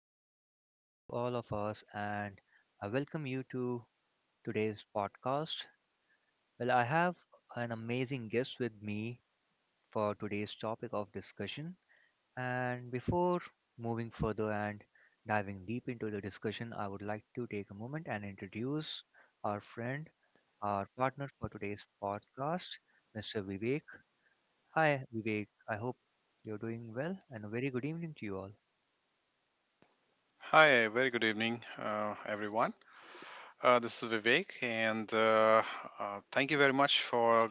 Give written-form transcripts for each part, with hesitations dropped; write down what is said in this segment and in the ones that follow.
very good evening to all of us, and I welcome you to today's podcast. Well, I have an amazing guest with me for today's topic of discussion. And before moving further and diving deep into the discussion, I would like to take a moment and introduce our friend, our partner for today's podcast, Mr. Vivek. Hi, Vivek. I hope you're doing well, and a very good evening to you all. Hi, very good evening, everyone. This is Vivek, and thank you very much for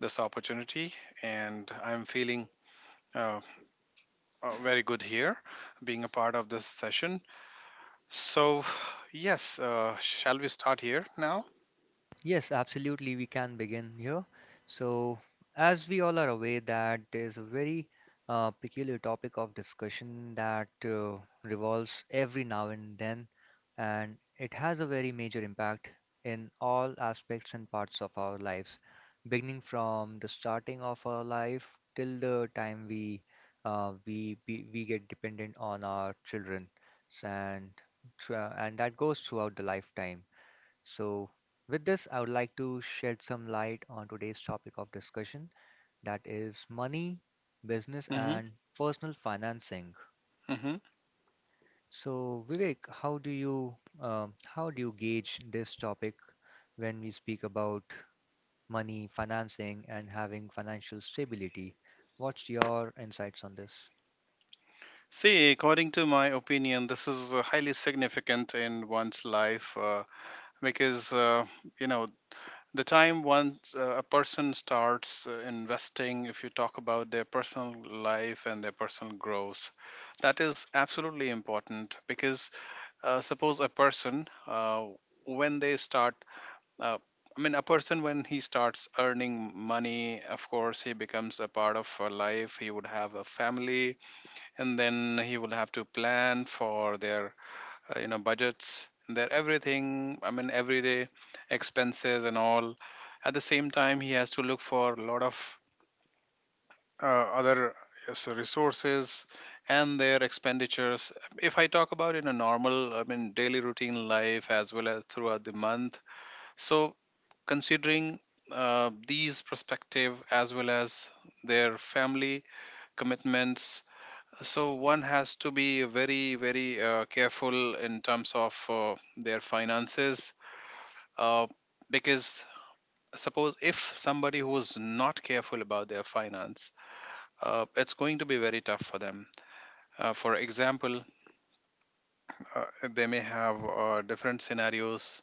this opportunity. And I'm feeling uh, very good here, being a part of this session. So, yes, shall we start here now? Yes, absolutely. We can begin here. So, as we all are aware, that there's a very peculiar topic of discussion that revolves every now and then, and it has a very major impact in all aspects and parts of our lives, beginning from the starting of our life till the time we we get dependent on our children, and and that goes throughout the lifetime. So, with this, I would like to shed some light on today's topic of discussion, that is money, business, Hmm. and personal financing. Hmm. So, Vivek, how do you gauge this topic when we speak about money, financing, and having financial stability? What's your insights on this? See, according to my opinion, this is highly significant in one's life, because you know the time once a person starts investing, if you talk about their personal life and their personal growth, that is absolutely important. Because suppose a person, when they start uh, I mean a person when he starts earning money, of course he becomes a part of a life, he would have a family, and then he will have to plan for their budgets, their everything, everyday expenses and all. At the same time, he has to look for a lot of other resources and their expenditures, if I talk about in a normal, daily routine life as well as throughout the month. So, considering these perspective as well as their family commitments, so one has to be very careful in terms of their finances, uh, because suppose if somebody who's not careful about their finance, it's going to be very tough for them. For example, uh, they may have different scenarios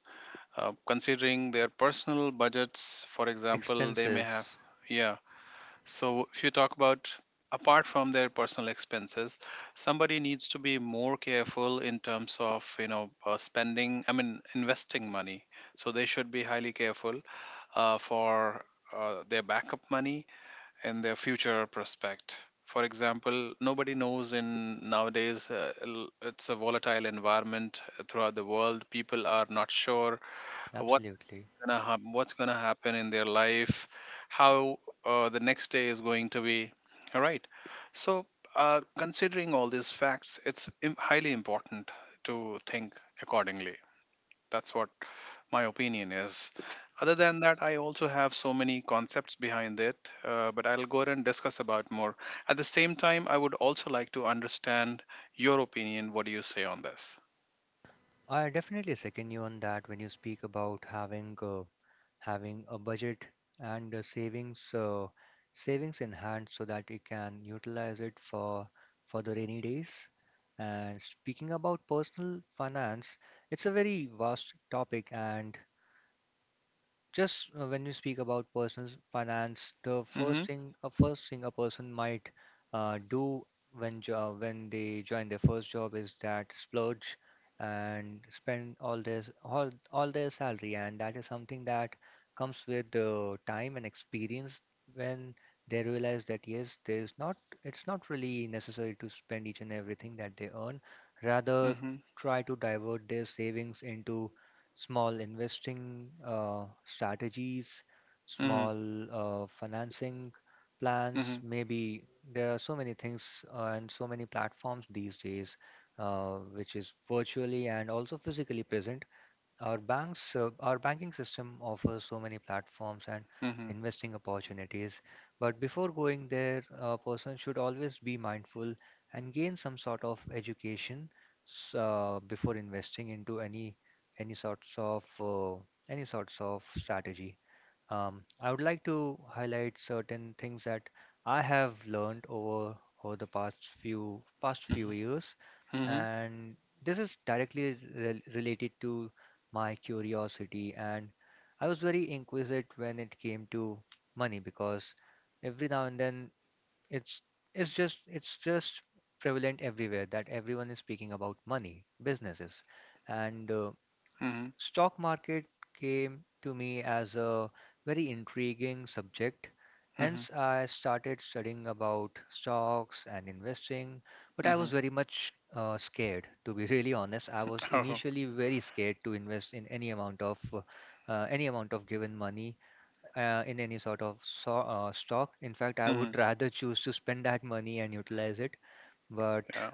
considering their personal budgets. For example, they may have, Expenses, yeah. So, if you talk about, apart from their personal expenses, somebody needs to be more careful in terms of, you know, spending. I mean, investing money. So they should be highly careful for their backup money and their future prospect. For example, nobody knows, in nowadays, it's a volatile environment throughout the world. People are not sure what's absolutely. What's gonna happen in their life, how the next day is going to be. All right. So considering all these facts, it's highly important to think accordingly. That's what my opinion is. Other than that, I also have so many concepts behind it, but I'll go ahead and discuss about more. At the same time, I would also like to understand your opinion. What do you say on this? I definitely second you on that when you speak about having having a budget and savings savings in hand so that you can utilize it for the rainy days. And speaking about personal finance, it's a very vast topic. And just when you speak about personal finance, the Mm-hmm. First thing a person might do when when they join their first job is that splurge and spend all their all their salary, and that is something that comes with the time and experience when they realize that yes, there's not it's not really necessary to spend each and everything that they earn. Rather, Mm-hmm. try to divert their savings into small investing strategies, Mm-hmm. small financing plans. Mm-hmm. Maybe there are so many things and so many platforms these days, which is virtually and also physically present. Our banks, our banking system, offers so many platforms and Mm-hmm. investing opportunities, but before going there a person should always be mindful and gain some sort of education before investing into any any sorts of uh, any sorts of strategy. I would like to highlight certain things that I have learned over the past few years, Mm-hmm. and this is directly related to my curiosity. And I was very inquisitive when it came to money because every now and then it's it's just prevalent everywhere that everyone is speaking about money, businesses, and Mhm. stock market came to me as a very intriguing subject. Mhm. Hence, I started studying about stocks and investing, but I was Mhm. very much scared, to be really honest. I was Oh. initially very scared to invest in any amount of given money in any sort of stock. In fact, I would Mhm. rather choose to spend that money and utilize it. But Yeah.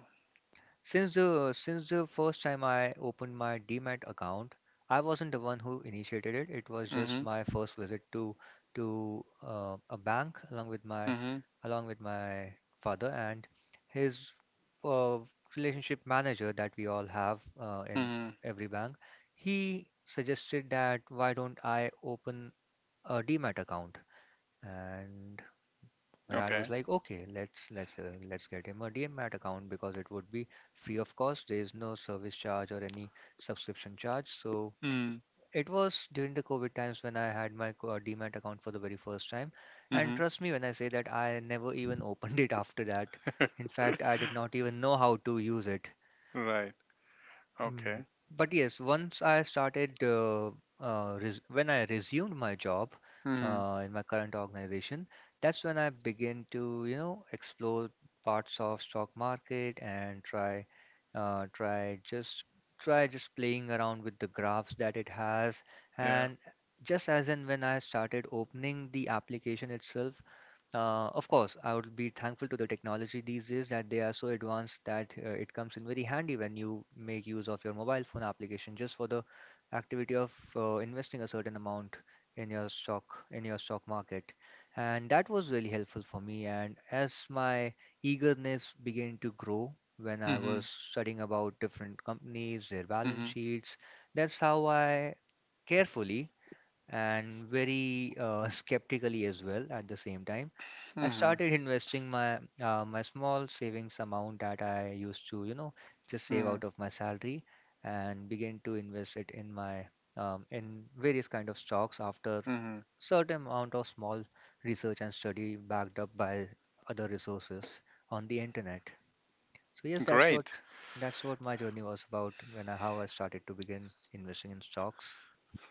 since the first time I opened my Demat account, I wasn't the one who initiated it. It was just Mhm. my first visit to a bank along with my Mhm. along with my father and his uh, relationship manager that we all have in Mhm. every bank. He suggested that why don't I open a Demat account? And my dad was Okay. like, "Okay, let's get him a DMAT account because it would be free of cost. There is no service charge or any subscription charge." So Mm. it was during the COVID times when I had my DMAT account for the very first time, and Mhm. trust me when I say that I never even opened it after that. In fact, I did not even know how to use it. Right. Mm. Okay. But yes, once I started, res when I resumed my job Mhm. In my current organization, that's when I began to, you know, explore parts of stock market and uh, try just try just playing around with the graphs that it has. Yeah. And just as and when I started opening the application itself, of course, I would be thankful to the technology these days that they are so advanced that it comes in very handy when you make use of your mobile phone application just for the activity of investing a certain amount in your stock market. And that was really helpful for me. And as my eagerness began to grow, when I Mhm. was studying about different companies, their balance Mhm. sheets, that's how I carefully and very skeptically as well at the same time, I Mhm. started investing my my small savings amount that I used to, you know, just save Mhm. out of my salary and begin to invest it in my in various kind of stocks after Mhm. certain amount of small research and study backed up by other resources on the internet. So yes, Great. that's what my journey was about when I, how I started to begin investing in stocks.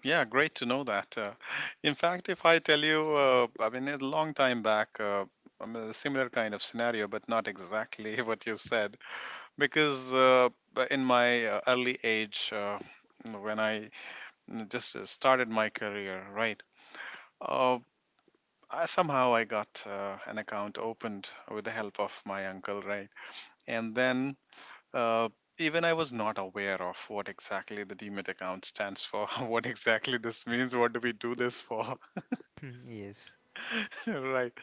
Yeah, great to know that. In fact, if I tell you, I mean, a long time back, I mean, a similar kind of scenario, but not exactly what you said, because but in my early age, when I mm, just started my career, right? Uh, somehow I got an account opened with the help of my uncle, right? And then uh, even I was not aware of what exactly the Demat account stands for, what exactly this means, what do we do this for, Yes. right?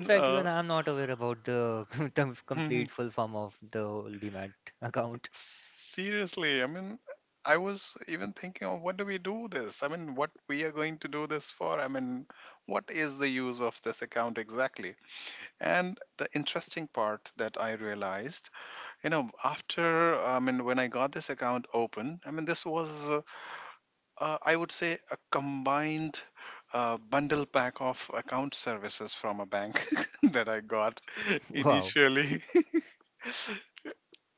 In fact, even I'm not aware about the the complete full form of the Demat account. seriously, I mean. I was even thinking of, what do we do this? I mean, what we are going to do this for? I mean, what is the use of this account exactly? And the interesting part that I realized, you know, after, when I got this account open, this was I would say a combined bundle pack of account services from a bank that I got Wow. initially.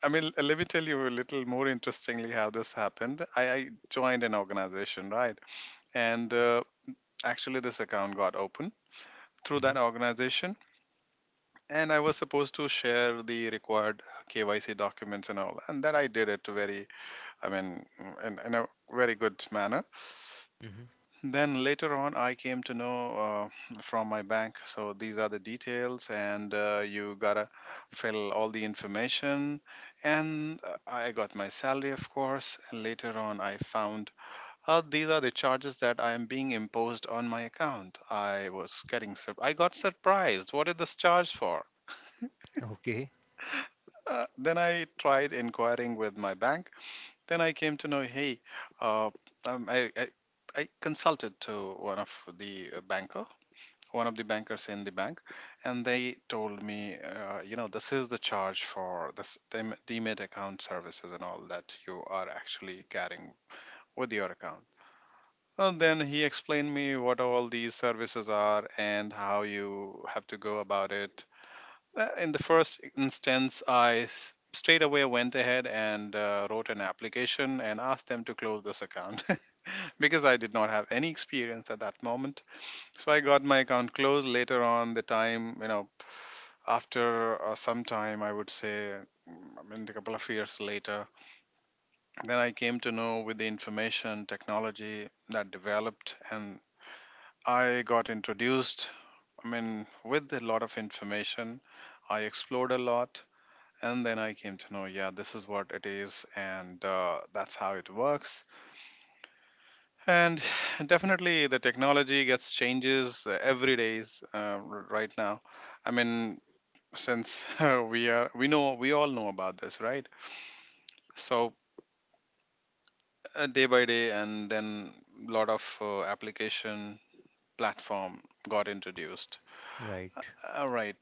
Let me tell you a little more interestingly how this happened. I joined an organization, right? And actually, this account got open through Hmm. that organization. And I was supposed to share the required KYC documents and all, and that I did it very, I mean, in a very good manner. Hmm. Then later on, I came to know from my bank. So these are the details, and you gotta fill all the information. And I got my salary, of course. And later on, I found these are the charges that I am being imposed on my account. I was getting I got surprised. What is this charge for? Okay. Then I tried inquiring with my bank. Then I came to know, hey, uh, um, I, I I consulted to one of the banker, one of the bankers in the bank, and they told me, you know, this is the charge for this demat account services and all that you are actually carrying with your account. And then he explained me what all these services are and how you have to go about it. In the first instance, straight away went ahead and wrote an application and asked them to close this account because I did not have any experience at that moment. So I got my account closed later on the time, you know, after some time, I would say, I mean, a couple of years later. Then I came to know, with the information technology that developed, and I got introduced, I mean, with a lot of information. I explored a lot, and then I came to know, yeah, this is what it is, and that's how it works. And definitely the technology gets changes every days. Right now, i mean since we know, we all know about this, right? So, day by day, and then lot of application, platform got introduced. Right. All right.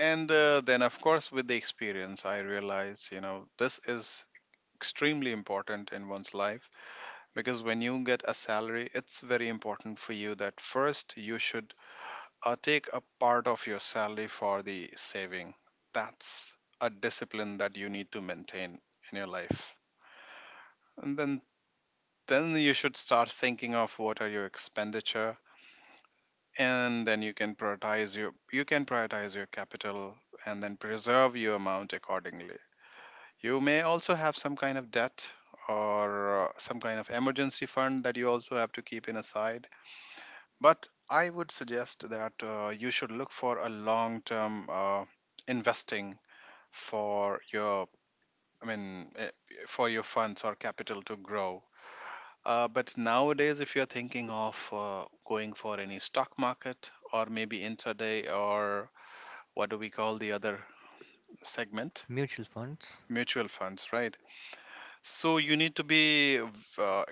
And then, of course, with the experience, I realized, you know, this is extremely important in one's life, because when you get a salary, it's very important for you that first you should take a part of your salary for the saving. That's a discipline that you need to maintain in your life. And then you should start thinking of what are your expenditure, and then you can prioritize your you can prioritize your capital, and then preserve your amount accordingly. You may also have some kind of debt, or some kind of emergency fund that you also have to keep in aside. But I would suggest that you should look for a long-term investing for your, I mean, for your funds or capital to grow. But nowadays, if you're thinking of going for any stock market or maybe intraday, or what do we call the other segment, Mutual funds. mutual funds, right? So you need to be, uh,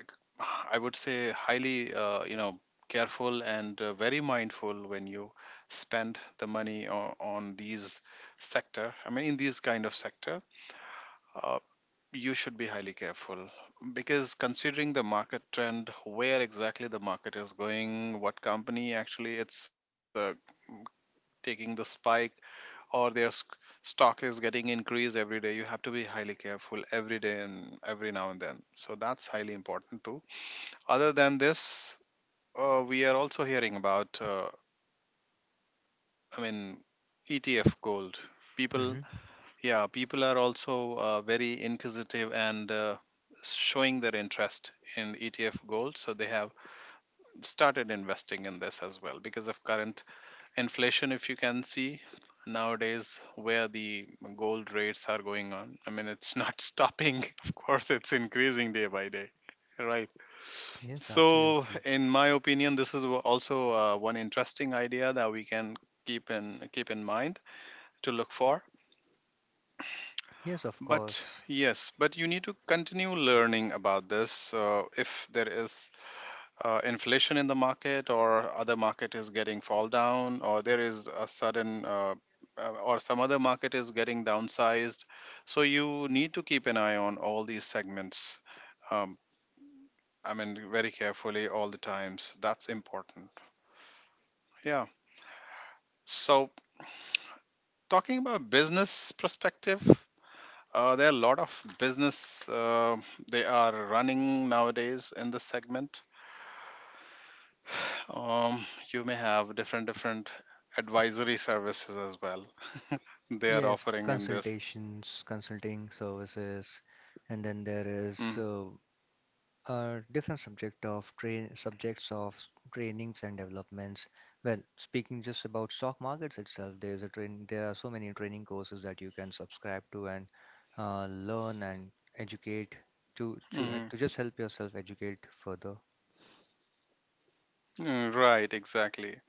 I would say, highly, you know, careful and very mindful when you spend the money on these sector. I mean, in these kind of sector, uh, you should be highly careful, because considering the market trend, where exactly the market is going, what company actually it's taking the spike or their stock is getting increased every day, you have to be highly careful every day and every now and then. So that's highly important too. Other than this, we are also hearing about i mean ETF gold. People, Hmm. yeah, people are also very inquisitive and showing their interest in ETF gold, so they have started investing in this as well, because of current inflation. If you can see nowadays where the gold rates are going on, it's not stopping, of course, it's increasing day by day, right? Yes, So, absolutely. in my opinion, this is also one interesting idea that we can keep in keep in mind to look for. Yes, of But course. yes, but you need to continue learning about this. If there is inflation in the market, or other market is getting fall down, or there is a sudden or some other market is getting downsized, so you need to keep an eye on all these segments, um, very carefully, all the times. That's important. Yeah. So, talking about business perspective, there are a lot of business, they are running nowadays in this segment. Um, you may have different different advisory services as well. They are Yes, offering in this. consultations, consulting services, and then there is Mm, uh, different subject of train subjects of trainings and developments. Well, speaking just about stock markets itself, there is a train. There are so many training courses that you can subscribe to and learn and educate to mhm. just help yourself educate further. Mm, right, exactly.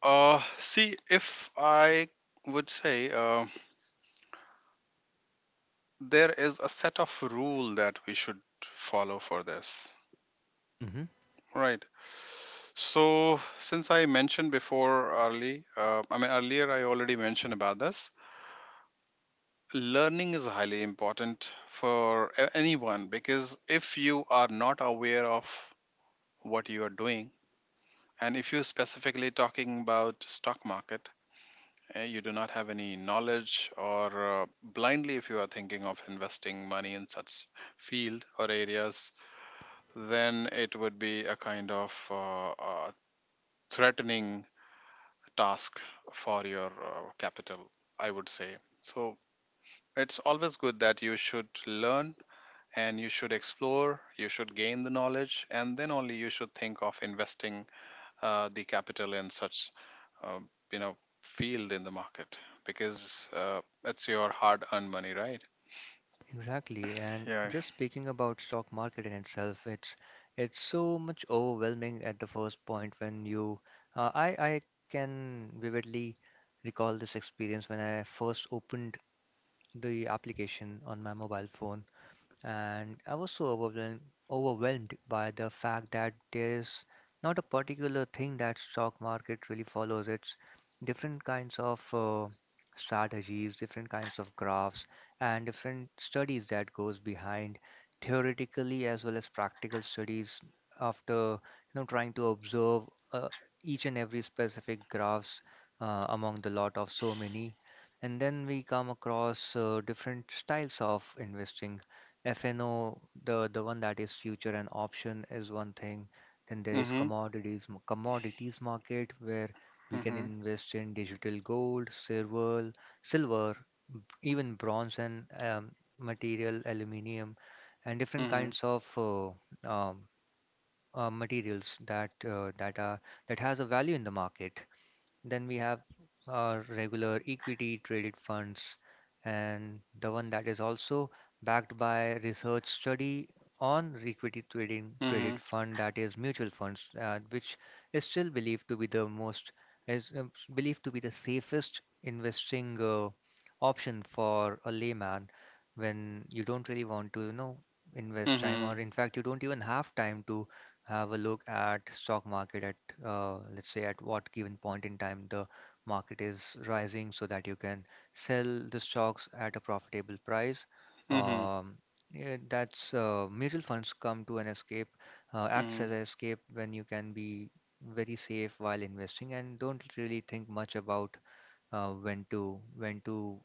See, if I would say, there is a set of rule that we should follow for this, Hmm. right? So, since I mentioned before early, I mean, earlier I already mentioned about this. Learning is highly important for anyone, because if you are not aware of what you are doing, and if you're specifically talking about stock market, you do not have any knowledge, or blindly if you are thinking of investing money in such field or areas, then it would be a kind of threatening task for your capital, I would say. So it's always good that you should learn, and you should explore, you should gain the knowledge, and then only you should think of investing the capital in such uh, you know field in the market, because it's your hard earned money, right? Exactly, and Yeah. just speaking about stock market in itself, it's so much overwhelming at the first point when you I can vividly recall this experience when I first opened the application on my mobile phone and I was so overwhelmed by the fact that there is not a particular thing that stock market really follows. It's different kinds of strategies, different kinds of graphs, and different studies that goes behind theoretically as well as practical studies, after you know trying to observe uh, each and every specific graphs among the lot of so many. And then we come across different styles of investing. FNO, the one that is future and option is one thing. Then there is Mm-hmm. Commodities market where we can Mm-hmm. invest in digital gold, silver, b- even bronze and material, aluminium, and different Mm-hmm. kinds of um, materials that that are that has a value in the market. Then we have our regular equity traded funds and the one that is also backed by research study on equity trading traded fund, that is mutual funds, which is still believed to be the most is believed to be the safest investing option for a layman, when you don't really want to, you know, invest time, Mm-hmm. or in fact you don't even have time to have a look at stock market at let's say at what given point in time the market is rising so that you can sell the stocks at a profitable price. Mm-hmm. Um, yeah, that's mutual funds come to an escape, acts Mm-hmm. as an escape when you can be very safe while investing and don't really think much about when to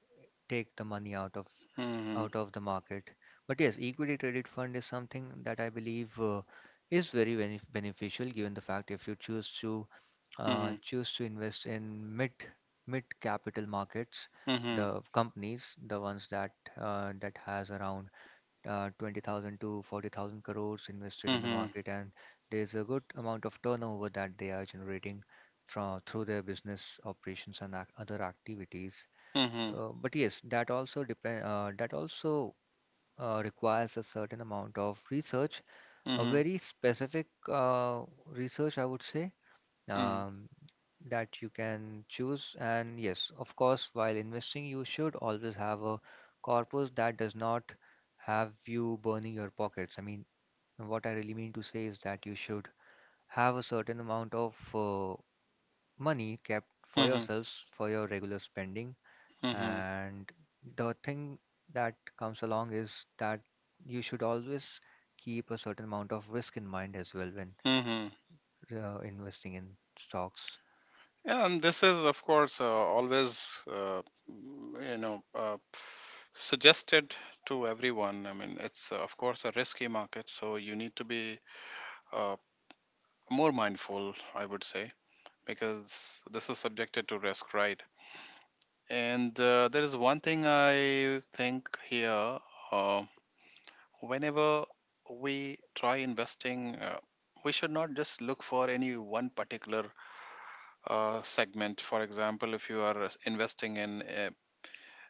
take the money out of Mm-hmm. The market. But yes, equity traded fund is something that I believe is very beneficial given the fact if you choose to Mm-hmm. Invest in mid capital markets, Mm-hmm. the companies, the ones that that has around 20,000 to 40,000 crores invested in the Mm-hmm. market, and there's a good amount of turnover that they are generating from through their business operations and ac other activities. Mm-hmm. So, but yes, that also requires a certain amount of research, a Mm-hmm. very specific uh, research, I would say, um, that you can choose. And yes, of course, while investing, you should always have a corpus that does not have you burning your pockets. I mean, what I really mean to say is that you should have a certain amount of money kept for Mm-hmm. yourselves for your regular spending. Mm-hmm. And the thing that comes along is that you should always keep a certain amount of risk in mind as well when Mm-hmm. Investing in stocks, Yeah, and this is, of course, always mm, you know uh, suggested to everyone. I mean, it's, of course, a risky market, so you need to be uh, more mindful, I would say, because this is subjected to risk, right? And there is one thing I think here: uh, whenever we try investing, we should not just look for any one particular segment. For example, if you are investing in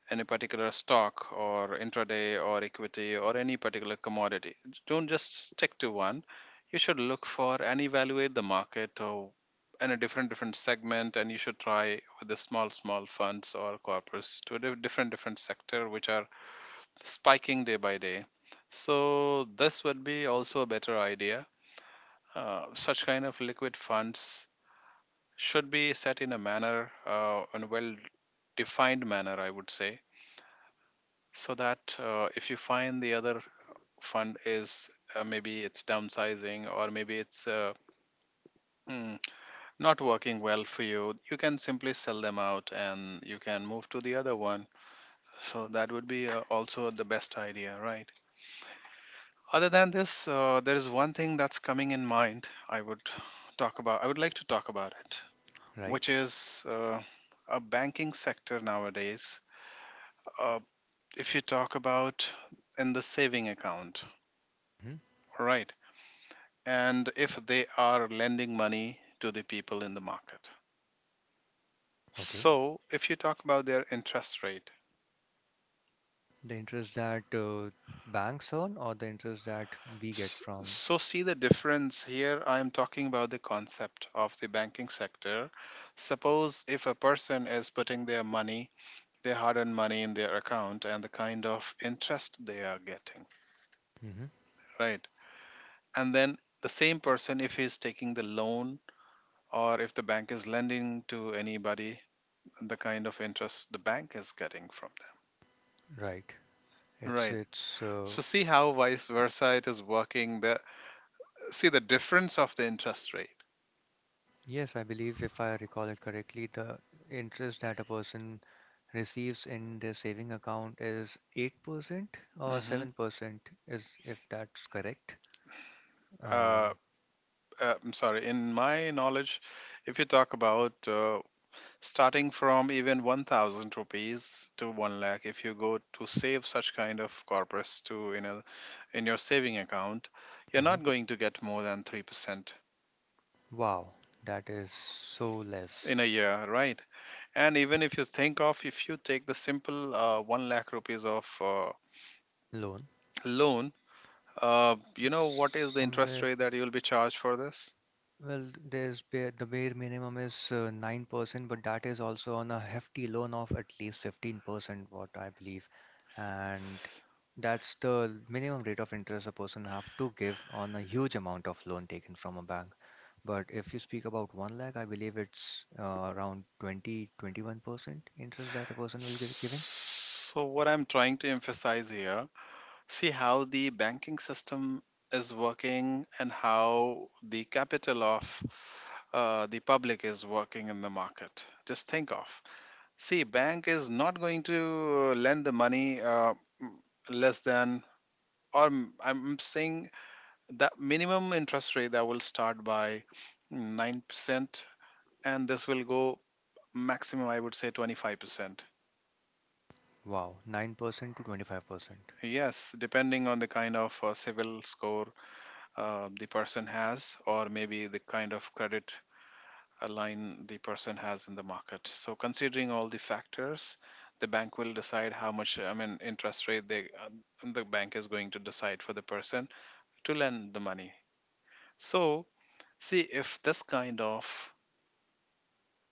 any particular stock or intraday or equity or any particular commodity, don't just stick to one. You should look for and evaluate the market or in a different different segment, and you should try with the small small funds or corporates to a different different sector which are spiking day by day. So this would be also a better idea. Such kind of liquid funds should be set in a manner, in a well defined manner, I would say, so that if you find the other fund is maybe it's downsizing, or maybe it's mm, not working well for you, you can simply sell them out and you can move to the other one. So that would be also the best idea, right? Other than this, there is one thing that's coming in mind. I would like to talk about it, which right? is a banking sector nowadays. uh, if you talk about in the saving account, right? And if they are lending money to the people in the market. Okay. So, if you talk about their interest rate, The interest that banks earn or the interest that we get from. so see the difference here. I am talking about the concept of the banking sector. Suppose if a person is putting their money, their hard earned money in their account, and the kind of interest they are getting, Hmm. right? And then the same person, if he is taking the loan, or if the bank is lending to anybody, the kind of interest the bank is getting from Right. them. Right. It's So see how vice versa it is working. The See the difference of the interest rate. yes, I believe if I recall it correctly, the interest that a person receives in their saving account is 8% or Hmm. 7%, is if that's correct. Uh, Um, I'm sorry. In my knowledge, if you talk about, starting from even 1,000 rupees to one lakh, if you go to save such kind of corpus to in a in your saving account, you're mhm. not going to get more than 3% Wow, that is so less. in a year, right? And even if you think of, if you take the simple one lakh rupees of Loan. loan, you know what is It's the interest somewhere rate that you'll be charged for this? Well, there's the bare minimum is 9%, but that is also on a hefty loan of at least 15%, what I believe. And that's the minimum rate of interest a person have to give on a huge amount of loan taken from a bank. But if you speak about 1 lakh, I believe it's around twenty twenty one percent interest that a person will give giving. So what I'm trying to emphasize here, see how the banking system is working, and how the capital of the public is working in the market. Just think of. See, bank is not going to lend the money m- less than, or I'm saying that minimum interest rate that will start by 9%, and this will go maximum, I would say, 25%. Wow, 9% to 25%. Yes, depending on the kind of civil score the person has, or maybe the kind of credit line the person has in the market. So considering all the factors, the bank will decide how much, I mean, interest rate the bank is going to decide for the person to lend the money. So see, if this kind of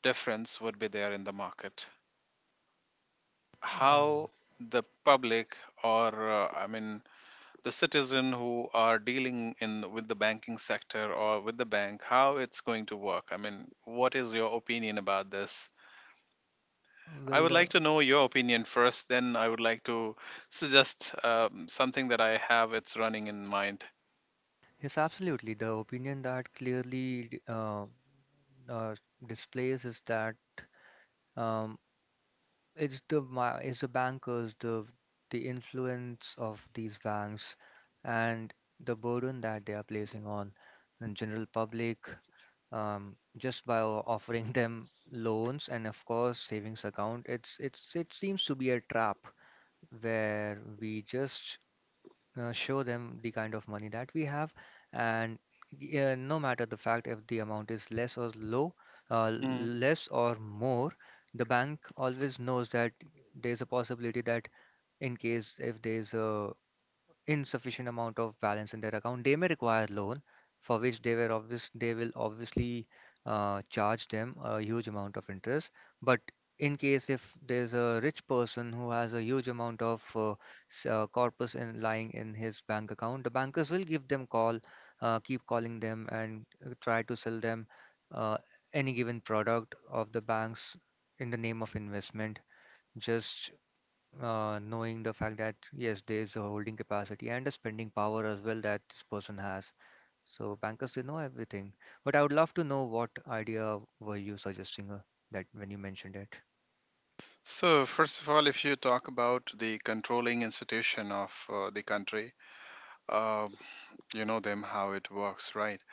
difference would be there in the market, Um, how the public, or I mean, the citizen who are dealing in with the banking sector or with the bank, how it's going to work. I mean, what is your opinion about this? I would well, uh, like to know your opinion first, then I would like to suggest something that I have, it's running in mind. Yes, absolutely. The opinion that clearly uh, displays is that um, it's the bankers, the influence of these banks, and the burden that they are placing on the general public, just by offering them loans and of course savings account. It seems to be a trap where we just show them the kind of money that we have, and yeah, no matter the fact if the amount is less or low Mm. less or more, the bank always knows that there's a possibility that in case if there's a insufficient amount of balance in their account they may require loan, for which they will obviously charge them a huge amount of interest. But in case if there's a rich person who has a huge amount of corpus in lying in his bank account, the bankers will give them call, keep calling them and try to sell them uh, any given product of the banks in the name of investment, just knowing the fact that yes, there is a holding capacity and a spending power as well that this person has. So bankers, they know everything. But I would love to know what idea were you suggesting, that when you mentioned it? So, first of all, if you talk about the controlling institution of the country, um you know them, how it works, right?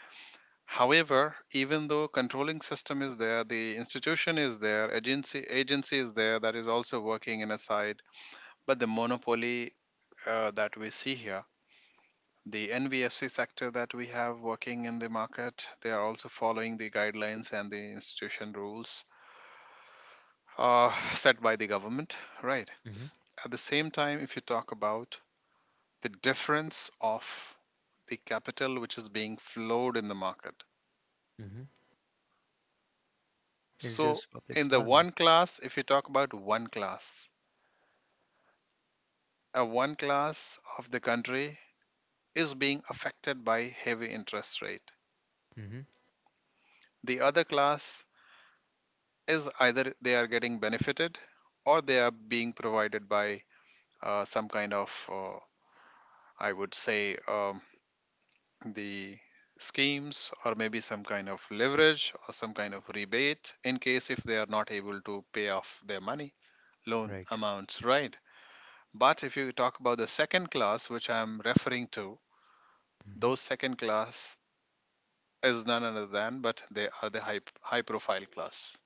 However, even though controlling system is there, the institution is there, agency is there, that is also working in a side, but the monopoly that we see here, the NBFC sector that we have working in the market, they are also following the guidelines and the institution rules set by the government, right? Mm-hmm. At the same time, if you talk about the difference of the capital which is being flowed in the market, Mm-hmm. It's so just public in the money. one class, if you talk about one class, a one class of the country is being affected by heavy interest rate. Mm-hmm. The other class is, either they are getting benefited, or they are being provided by some kind of, I would say, the schemes, or maybe some kind of leverage, or some kind of rebate, in case if they are not able to pay off their money loan Right? amounts, right? But if you talk about the second class which I am referring to, Mm-hmm. those second class is none other than, but they are the high, high profile class.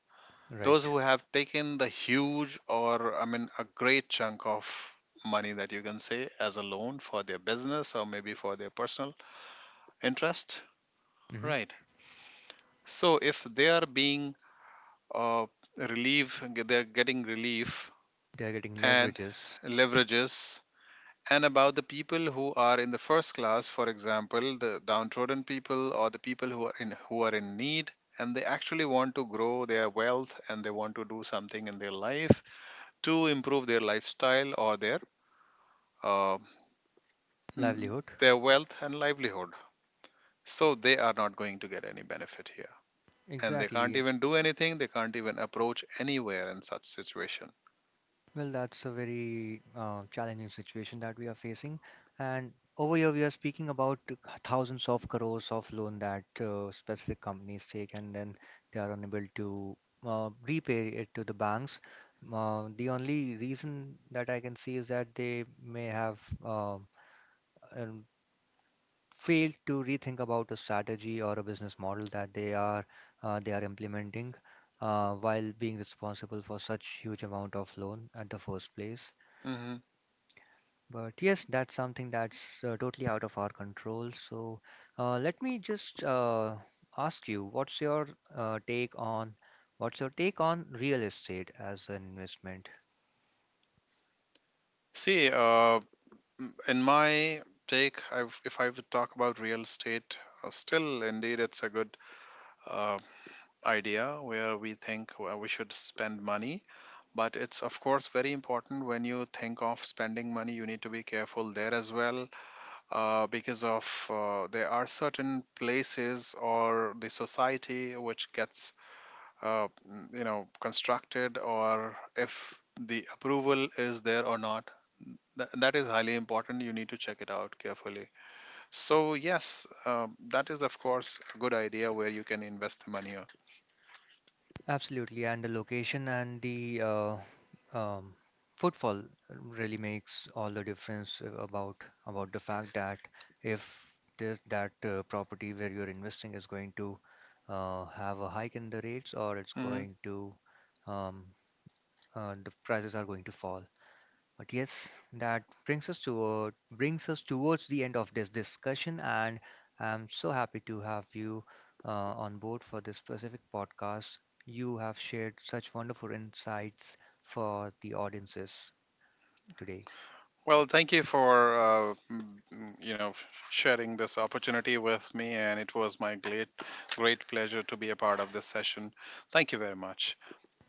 Those Right. who have taken the huge, or, I mean, a great chunk of money that you can say as a loan for their business or maybe for their personal interest, Mm-hmm. right? So if they are being uh, relief, they're getting relief They are getting and leverages, leverages. And about the people who are in the first class, for example, the downtrodden people, or the people who are in, who are in need, and they actually want to grow their wealth, and they want to do something in their life to improve their lifestyle or their uh, mm, livelihood. their wealth and livelihood. So they are not going to get any benefit here, and they can't Exactly. even do anything. They can't even approach anywhere in such situation. Well, that's a very challenging situation that we are facing. And over here, we are speaking about thousands of crores of loan that specific companies take, and then they are unable to repay it to the banks. The only reason that I can see is that they may have um, failed to rethink about a strategy or a business model that they are implementing, while being responsible for such huge amount of loan at the first place. Mhm. But yes, that's something that's totally out of our control. So let me just ask you, what's your take on what's your take on real estate as an investment? See, in my take if I would talk about real estate, still indeed it's a good uh, idea where we think where we should spend money. But it's, of course, very important, when you think of spending money you need to be careful there as well, because of there are certain places or the society which gets constructed, or if the approval is there or not. That is highly important, you need to check it out carefully. So yes, that is, of course, a good idea where you can invest the money. Uh, Absolutely, and the location and the um, footfall really makes all the difference about the fact that if this that property where you're investing is going to have a hike in the rates, or it's mm-hmm. going to um, the prices are going to fall. But yes, that brings us towards the end of this discussion, and I'm so happy to have you on board for this specific podcast. You have shared such wonderful insights for the audiences today. Well, thank you for m- you know sharing this opportunity with me, and it was my great great pleasure to be a part of this session. Thank you very much.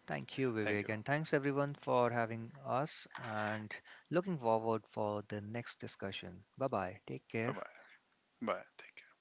Thank you, Thank Vivek, you. and thanks everyone for having us. And looking forward for the next discussion. Bye bye. Take Bye care. bye. Bye. Take care.